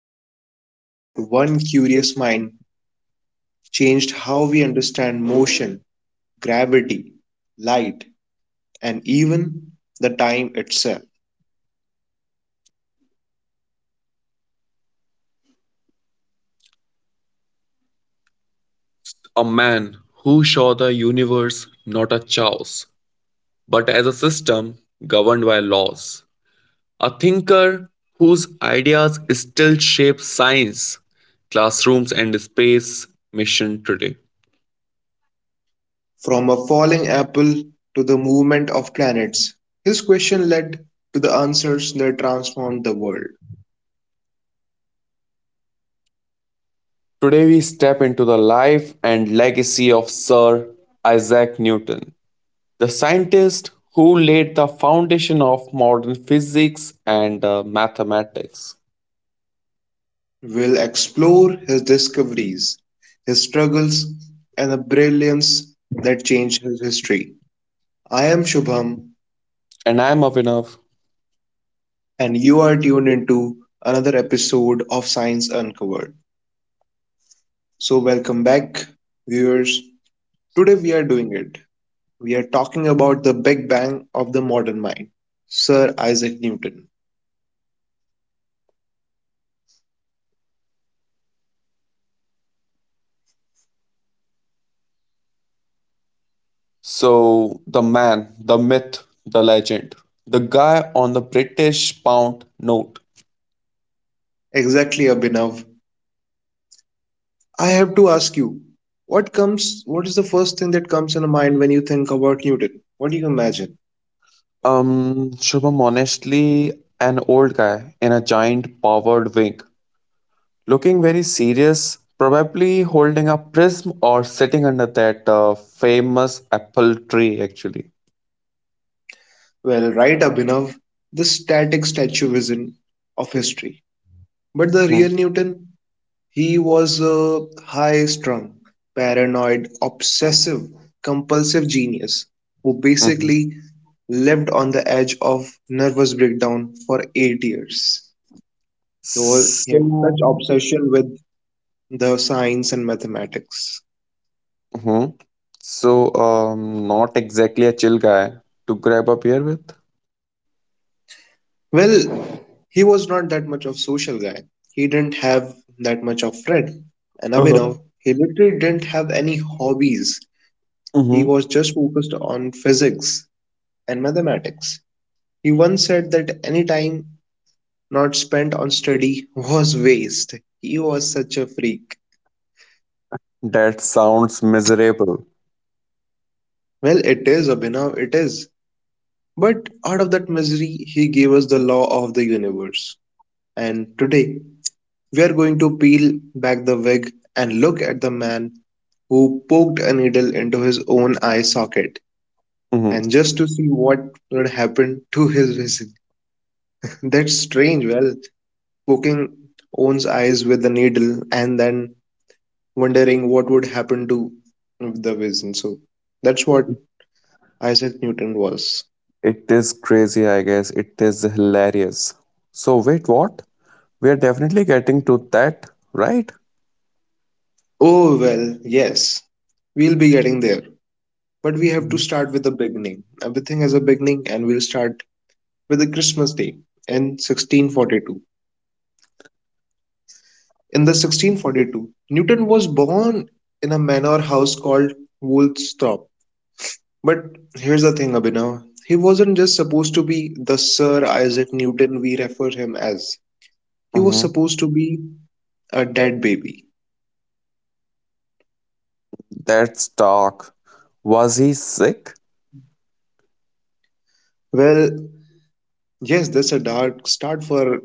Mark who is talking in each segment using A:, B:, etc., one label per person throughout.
A: we told you that one curious mind changed how we understand motion, gravity, light, and even the time itself?
B: A man who saw the universe not as chaos, but as a system governed by laws. A thinker whose ideas still shape science, classrooms, and space mission today.
A: From a falling apple to the movement of planets, his question led to the answers that transformed the world.
B: Today, we step into the life and legacy of Sir Isaac Newton, the scientist who laid the foundation of modern physics and mathematics.
A: We'll explore his discoveries, his struggles, and the brilliance that changed his history. I am Shubham,
B: And I'm Avinav.
A: and you are tuned into another episode of Science Uncovered. So, welcome back, viewers. Today we are doing it. We are talking about the Big Bang of the modern mind, Sir Isaac Newton.
B: So, the man, the myth, the legend, the guy on the British pound note.
A: Exactly, Abhinav. I have to ask you, what comes? What is the first thing that comes in your mind when you think about Newton? What do you imagine?
B: Shubham, honestly, an old guy in a giant powered wing, looking very serious, probably holding a prism or sitting under that famous apple tree, actually.
A: Well, right, Abhinav, the static statuism of history. But the real Newton, he was a high-strung, paranoid, obsessive-compulsive genius who
B: Mm-hmm.
A: basically lived on the edge of nervous breakdown for 8 years. He had such
B: So,
A: obsession with the science and mathematics.
B: Mhm. Not exactly a chill guy to grab a beer with.
A: Well, he was not that much of social guy. He didn't have that much of Fred and
B: Uh-huh.
A: Abhinav. He literally didn't have any hobbies. He
B: Mm-hmm.
A: was just focused on physics and mathematics. He once said that any time not spent on study was waste. He was such a freak.
B: That sounds miserable.
A: Well, it is, Abhinav, it is. But out of that misery, he gave us the law of the universe. And today, we are going to peel back the wig and look at the man who poked a needle into his own eye socket
B: Mhm.
A: and just to see what would happen to his vision. That's strange. Well, poking one's eyes with a needle and then wondering what would happen to the vision. So that's what Isaac Newton was.
B: It is crazy, I guess. It is hilarious. So, wait, what? We are definitely getting to that, right?
A: Oh, well, yes, we'll be getting there. But we have to start with the beginning. Everything has a beginning, and we'll start with the Christmas Day in 1642. In the 1642, Newton was born in a manor house called Woolsthorpe. But here's the thing, Abhinav. He wasn't just supposed to be the Sir Isaac Newton we refer him as. He was
B: Mm-hmm.
A: supposed to be a dead baby.
B: That's dark. Was he sick?
A: Well, yes, that's a dark start for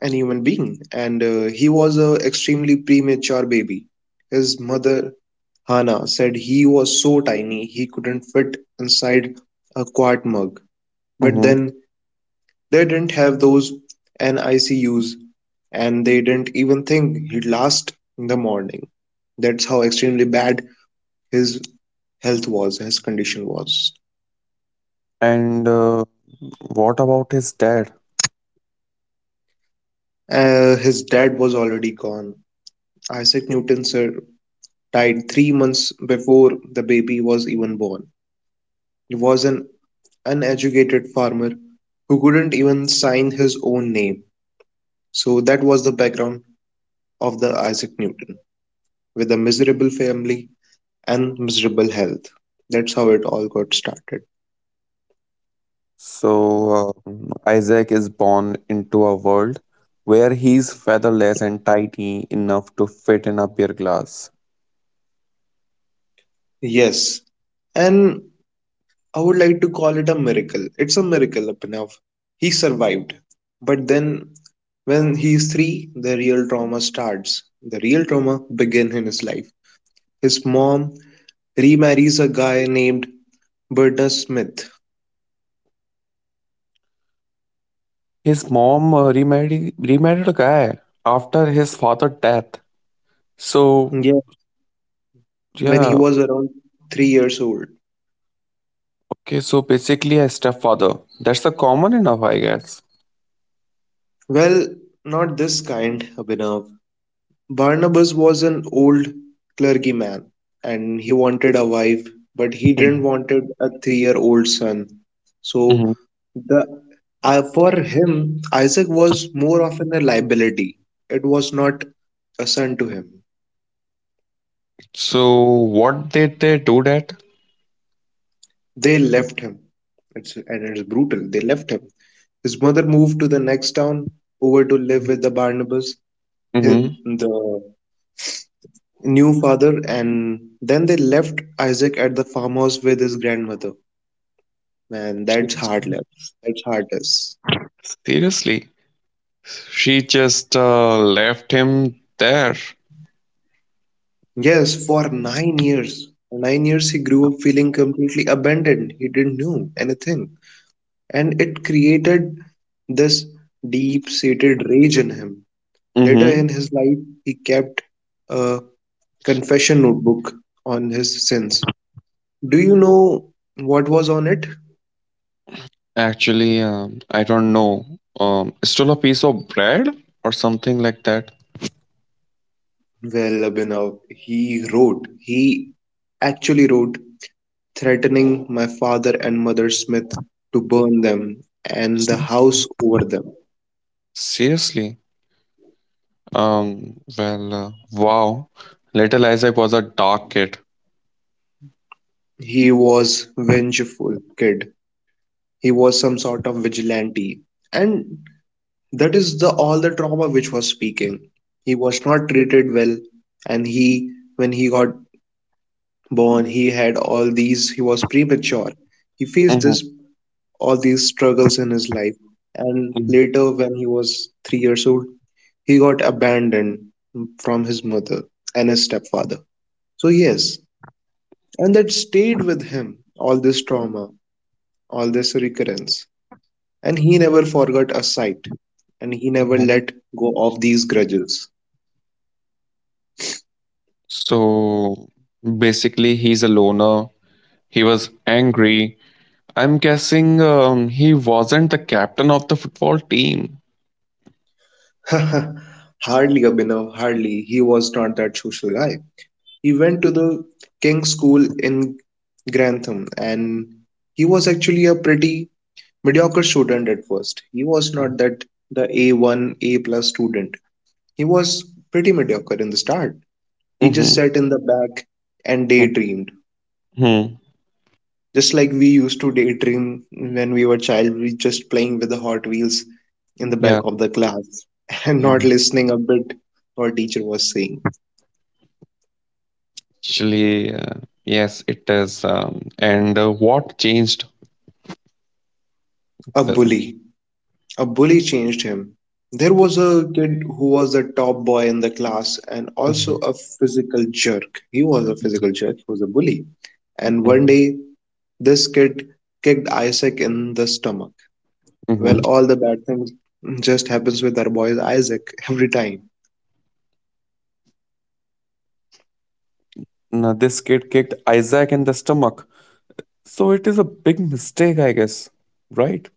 A: an human being, and he was a extremely premature baby. His mother, Hannah, said he was so tiny he couldn't fit inside a quart mug. But
B: Mm-hmm.
A: then they didn't have those NICUs, and they didn't even think he'd last in the morning. That's how extremely bad his health was, his condition was.
B: And What about his dad?
A: His dad was already gone, Isaac Newton sir, died 3 months before the baby was even born. He was an uneducated farmer who couldn't even sign his own name. So that was the background of the Isaac Newton, with a miserable family and miserable health. That's how it all got started.
B: So, uh, Isaac is born into a world where he's featherless and tiny enough to fit in a beer glass.
A: Yes, and I would like to call it a miracle. It's a miracle, Abhinav. He survived. But then, when he is three, the real trauma starts. The real trauma began in his life. His mom remarries a guy named Bernard Smith.
B: His mom remarried a guy after his father's death. So,
A: Yeah. When he
B: yeah,
A: was around 3 years old.
B: okay, so basically a stepfather. That's a common enough, I guess.
A: Well, not this kind, Abhinav. Barnabas was an old clergyman and he wanted a wife, but he didn't wanted a three-year-old son. So
B: Hmm.
A: the for him, Isaac was more often a liability. It was not a son to him.
B: So what did they do that?
A: They left him. It's brutal. They left him. His mother moved to the next town over to live with the Barnabas, his,
B: Hmm.
A: the new father, and then they left Isaac at the farmhouse with his grandmother. Man, that's heartless. That's heartless.
B: Seriously, she just left him there.
A: Yes, for 9 years. For 9 years, he grew up feeling completely abandoned. He didn't know anything. And it created this deep seated rage in him. Later
B: Hmm.
A: in his life, he kept a confession notebook on his sins. Do you know what was on it?
B: Actually, I don't know. Stole a piece of bread or something like that.
A: Well, Abhinav, he actually wrote threatening my father and Mother Smith to burn them and the
B: Mm.
A: house over them.
B: Seriously. Wow. Little Isaac was a dark kid.
A: He was vengeful kid. He was some sort of vigilante. And that is the all the trauma which was speaking. He was not treated well and he got born he had all these he was premature. He faced
B: Mhm,
A: this all these struggles in his life. And
B: mhm,
A: later when he was 3 years old he got abandoned from his mother and his stepfather. So, yes, and that stayed with him all this trauma, all this recurrence. And he never forgot a sight and he never
B: mhm.
A: let go of these grudges.
B: So basically, he's a loner. He was angry. I'm guessing he wasn't the captain of the football team.
A: Hardly, Abhinav, hardly. He was not that social guy. He went to the King's School in Grantham and he was actually a pretty mediocre student at first. He was not that the A1, A plus student. He was pretty mediocre in the start. He just
B: Mhm,
A: sat in the back and
B: mm,
A: daydreamed.
B: mhm.
A: Just like we used to daydream when we were child, we just playing with the Hot Wheels in the back
B: Yeah,
A: of the class and not
B: mm,
A: listening a bit what teacher was saying.
B: actually, uh, yes, it is. And What changed
A: A
B: the?
A: bully. A bully changed him. There was a kid who was the top boy in the class and also
B: Mhm,
A: a physical jerk. He was a physical jerk, he was a bully. And one
B: mhm,
A: day, this kid kicked Isaac in the stomach. Well,
B: mhm.
A: all the bad things just happens with our boy Isaac every time.
B: Now this kid kicked Isaac in the stomach, so it is a big mistake, I guess, right?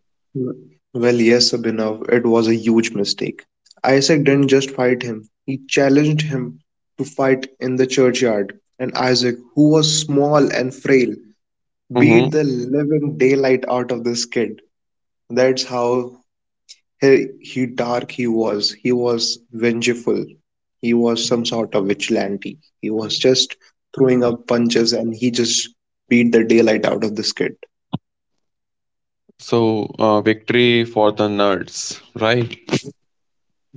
A: Well, yes, Abhinav, it was a huge mistake. Isaac didn't just fight him, he challenged him to fight in the churchyard. And Isaac, who was small and frail, beat the living daylight out of this kid. That's how he dark he was. He was vengeful. He was some sort of vigilante. He was just throwing up punches and he just beat the daylight out of this kid.
B: So, victory for the nerds, right?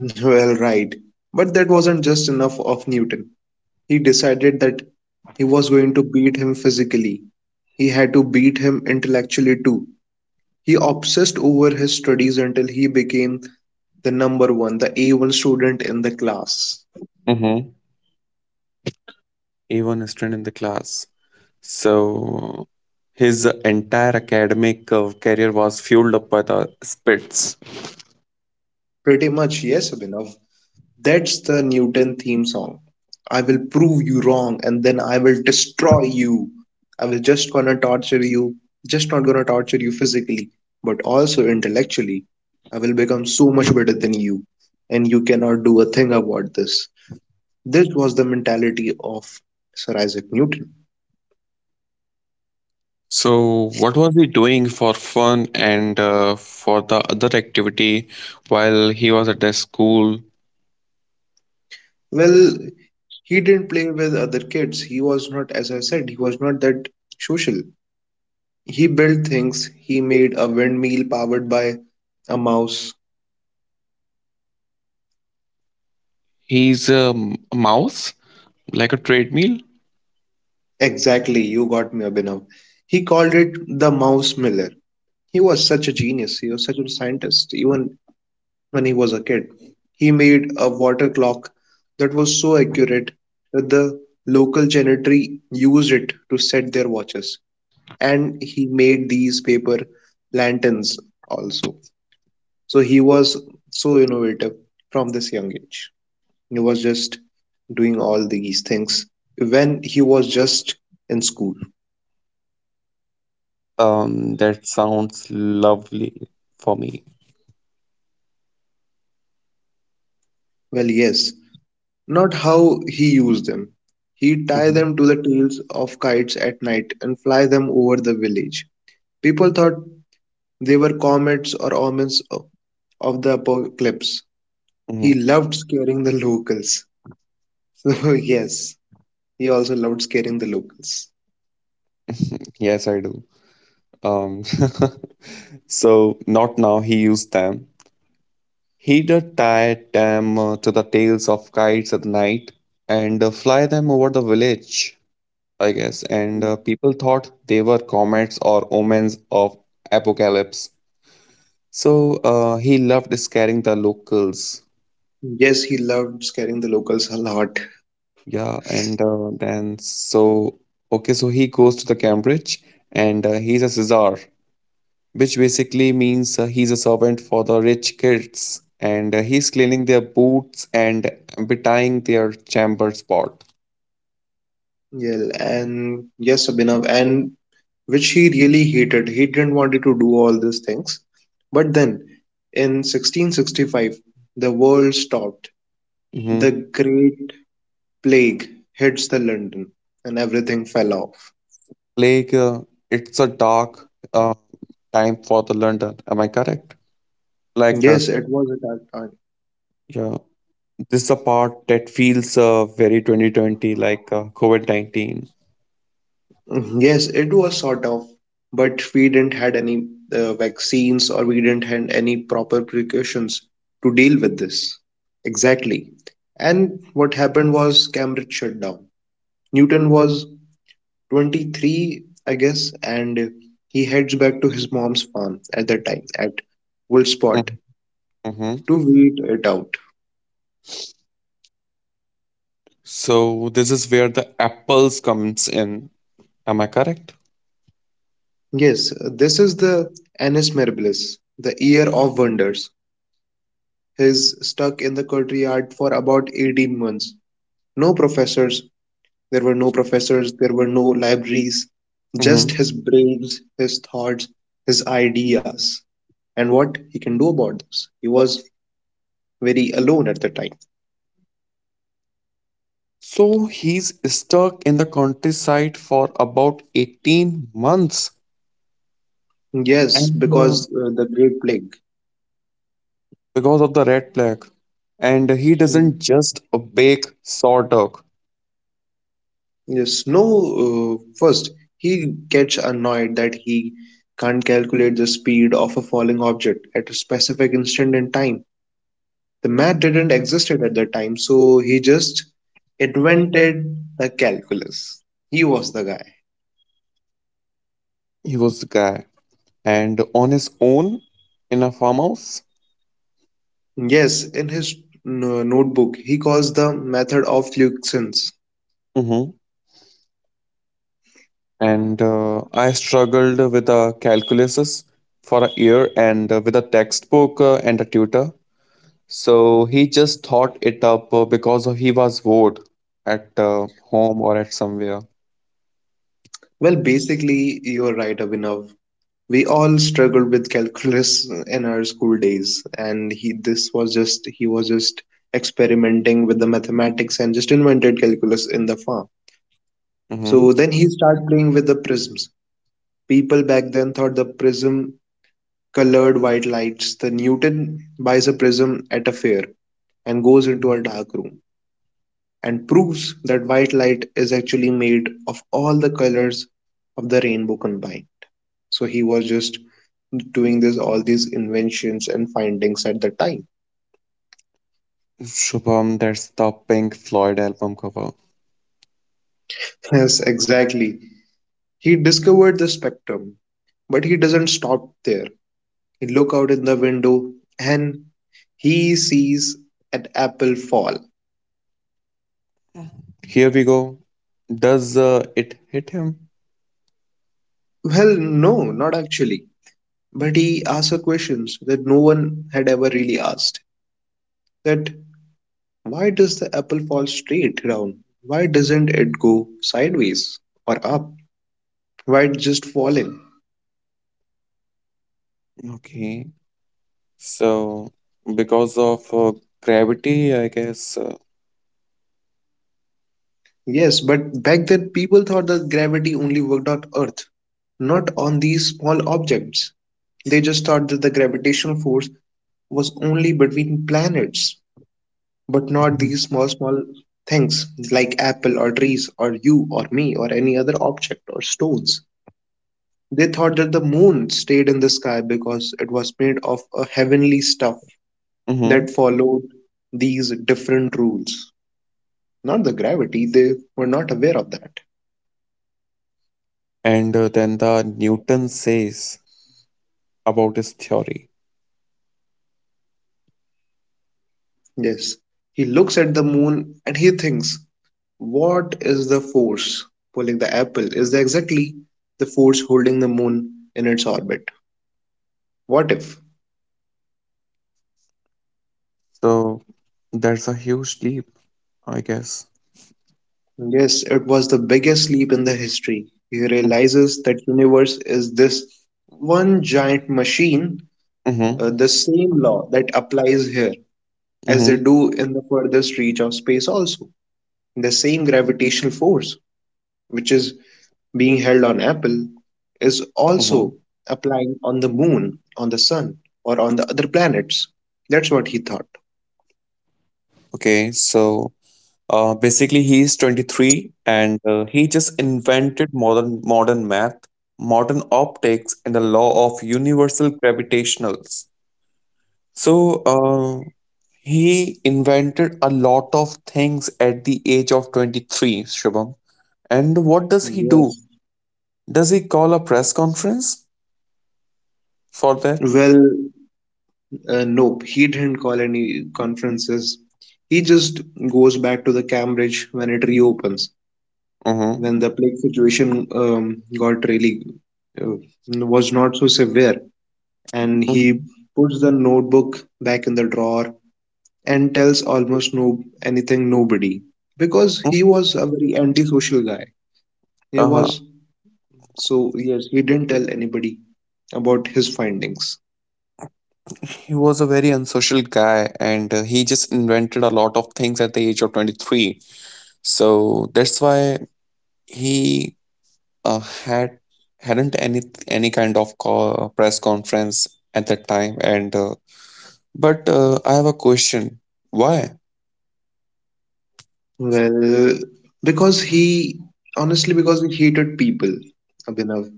A: Well, right. But that wasn't just enough of Newton. He decided that he was going to beat him physically. He had to beat him intellectually too. He obsessed over his studies until he became the number one, the A1 student in the class.
B: Mm-hmm. A1 student in the class. So, his entire academic career was fueled up by the spits.
A: Pretty much, yes, Abhinav. That's the Newton theme song. I will prove you wrong and then I will destroy you. I will just gonna torture you, just not gonna torture you physically, but also intellectually. I will become so much better than you, and you cannot do a thing about this. This was the mentality of Sir Isaac Newton.
B: So, what was he doing for fun and for the other activity while he was at the school?
A: Well, he didn't play with other kids. He was not, as I said, he was not that social. He built things, he made a windmill powered by a mouse.
B: He's a mouse. Like a treadmill?
A: Exactly, you got me, Abhinav. He called it the mouse miller. He was such a genius, he was such a scientist, even when he was a kid. He made a water clock that was so accurate that the local gentry used it to set their watches. And he made these paper lanterns also. So he was so innovative from this young age. He was just doing all these things when he was just in school.
B: That sounds lovely for me.
A: Well, yes, not how he used them. He tied
B: Mhm,
A: them to the tails of kites at night and fly them over the village. People thought they were comets or of the apocalypse. He
B: mhm.
A: loved scaring the locals. So, yes, he also loved scaring the locals.
B: Yes, I do. Um, so not now. He used them. He did tie them to the tails of kites at night and fly them over the village, I guess. And people thought they were comets or omens of apocalypse. So he loved scaring the locals.
A: Yes, he loved scaring the locals a lot.
B: Yeah, and then so okay, so he goes to the Cambridge, and he's a Caesar, which basically means he's a servant for the rich kids, and he's cleaning their boots and betying their chamber spot.
A: Yeah, and yes, Abhinav, and which he really hated. He didn't wanted to do all these things. But then, in 1665, the world stopped. The
B: Hmm.
A: Great Plague hits the London, and everything fell off.
B: Plague, it's a dark uh, time for the London. Am I correct? Like, uh,
A: Yes, it was at that
B: yeah, this is a part that feels very 2020, like COVID-19.
A: time. Yes, it was sort of, but we didn't had any vaccines or we didn't had any proper precautions to deal with this. Exactly. And what happened was Cambridge shut down. Newton was 23, I guess, and he heads back to his mom's farm at that time at Woolspot
B: Mm-hmm.
A: to wait it out.
B: So this is where the apples comes in. Am I correct?
A: Yes, this is the Annus Mirabilis, the year of wonders. He's stuck in the courtyard for about 18 months. No professors, there were no professors, there were no libraries, just
B: Mm-hmm.
A: his brains, his thoughts, his ideas, and what he can do about this. He was very alone at the time.
B: So he's stuck in the countryside for about 18 months.
A: Yes,
B: And
A: because the Great Plague.
B: because of the red flag. And he
A: Mm.
B: doesn't just bake saw duck.
A: Yes, no, first, he gets annoyed that he can't calculate the speed of a falling object at a specific instant in time. The math didn't exist at that time, so he just invented the calculus. He was the guy.
B: He was the guy. And on his own in a farmhouse.
A: Yes, in his notebook, he calls the method of Leucians.
B: Hmm. And I struggled with the calculuses for a year and with a textbook and a tutor. So he just thought it up because of he was bored at home or at somewhere.
A: Well, basically, you're right, Abhinav. We all struggled with calculus in our school days, and he was just experimenting with the mathematics and just invented calculus in the farm.
B: Mm-hmm.
A: So then he started playing with the prisms. People back then thought the prism colored white lights. The Newton buys a prism at a fair and goes into a dark room and proves that white light is actually made of all the colors of the rainbow combined. So he was just doing this all these inventions and findings at the time.
B: Shubham, that's the Pink Floyd album cover.
A: Yes, exactly. He discovered the spectrum, but he doesn't stop there. He look out in the window and he sees an apple fall.
B: Here we go. Does it hit him?
A: Well, no, not actually. But he asks a questions that no one had ever really asked. That why does the apple fall straight down? Why doesn't it go sideways or up? Why it's just falling?
B: Okay. So because of gravity, I guess.
A: Yes, but back then people thought that gravity only worked on Earth, not on these small objects. They just thought that the gravitational force was only between planets, but not these small, small things like apple or trees or you or me or any other object or stones. They thought that the moon stayed in the sky because it was made of a heavenly stuff
B: Mhm.
A: that followed these different rules, not the gravity. They were not aware of that.
B: And then the Newton says about his theory.
A: Yes. He looks at the moon and he thinks, what is the force pulling the apple? Is that exactly the force holding the moon in its orbit? What if?
B: So that's a huge leap, I guess.
A: Yes, it was the biggest leap in the history. He realizes that universe is this one giant machine, the
B: Mm-hmm.
A: same law that applies here as they
B: Mm-hmm.
A: do in the furthest reach of space also. The same gravitational force which is being held on Apple, is also applying on the moon, on the sun, or on the other planets. That's what he thought.
B: 23 and he just invented modern math modern optics and the law of universal gravitationals so he invented a lot of things at the age of 23 shubham and what does he do
A: Yes.
B: does he call a press conference for that.
A: Well, nope, he didn't call any conferences. He just goes back to the Cambridge when it reopens,
B: Mm-hmm.
A: when the plague situation got really uh, was not so severe, and he
B: Mm-hmm.
A: puts the notebook back in the drawer and tells almost no anything nobody because he was a very antisocial guy. He
B: Uh,
A: was so yes, he didn't tell anybody about his findings.
B: he was a very unsocial guy and he just invented a lot of things at the age of 23 so that's why he uh, had hadn't any kind of press conference at that time and but I have a question why.
A: Well, because he honestly because he hated people, Abhinav.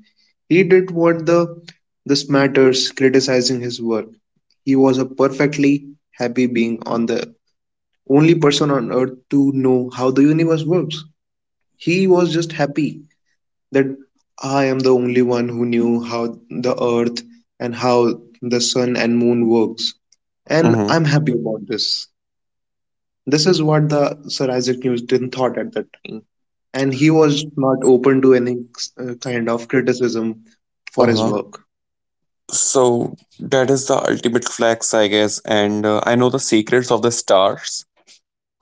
A: He did what the this matters criticizing his work. He was a perfectly happy being on the only person on earth to know how the universe works. He was just happy that I am the only one who knew how the earth and how the sun and moon works. And
B: Mm-hmm.
A: I'm happy about this. This is what the Sir Isaac Newton thought at that time. And he was not open to any kind of criticism for his
B: Uh-huh.
A: work.
B: So that is the ultimate flex I guess and I know the secrets of the stars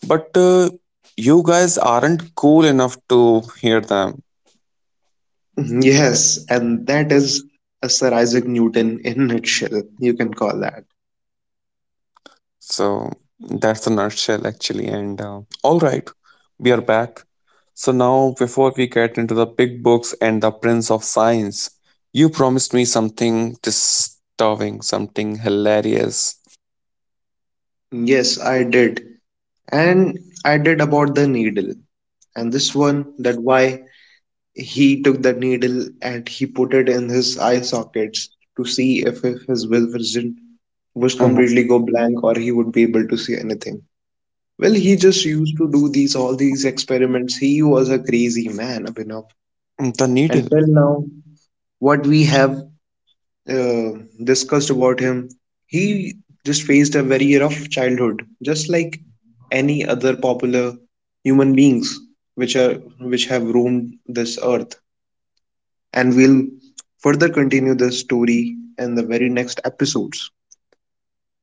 B: but you guys aren't cool enough to hear them.
A: Mm-hmm. Yes, and that is a Sir Isaac Newton in a nutshell, you can call that.
B: So that's the nutshell, actually. And all right, we are back. So now, before we get into the big books and the Prince of Science, you promised me something disturbing, something hilarious.
A: Yes, I did. And I did about the needle. And this one, that why he took the needle and he put it in his eye sockets to see if his will vision was
B: Mhm.
A: completely go blank or he would be able to see anything. Well, he just used to do these all these experiments. He was a crazy man, Abhinav.
B: The
A: And
B: needle.
A: till now, what we have uh, discussed about him, he just faced a very rough childhood, just like any other popular human beings which are which have roamed this earth and we'll further continue the story in the very next episodes.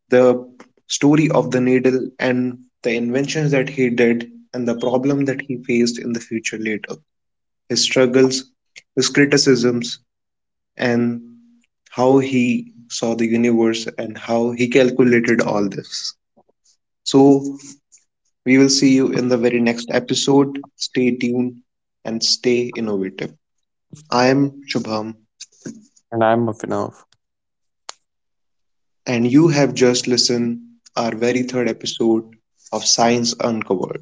A: The story of the needle and the inventions that he did and the problem that he faced in the future later. His struggles, his criticisms, and how he saw the universe and how he calculated all this. So, we will see you in the very next episode. Stay tuned and stay innovative. I am Shubham
B: And I'm up now.
A: and you have just listened our very third episode of Science Uncovered.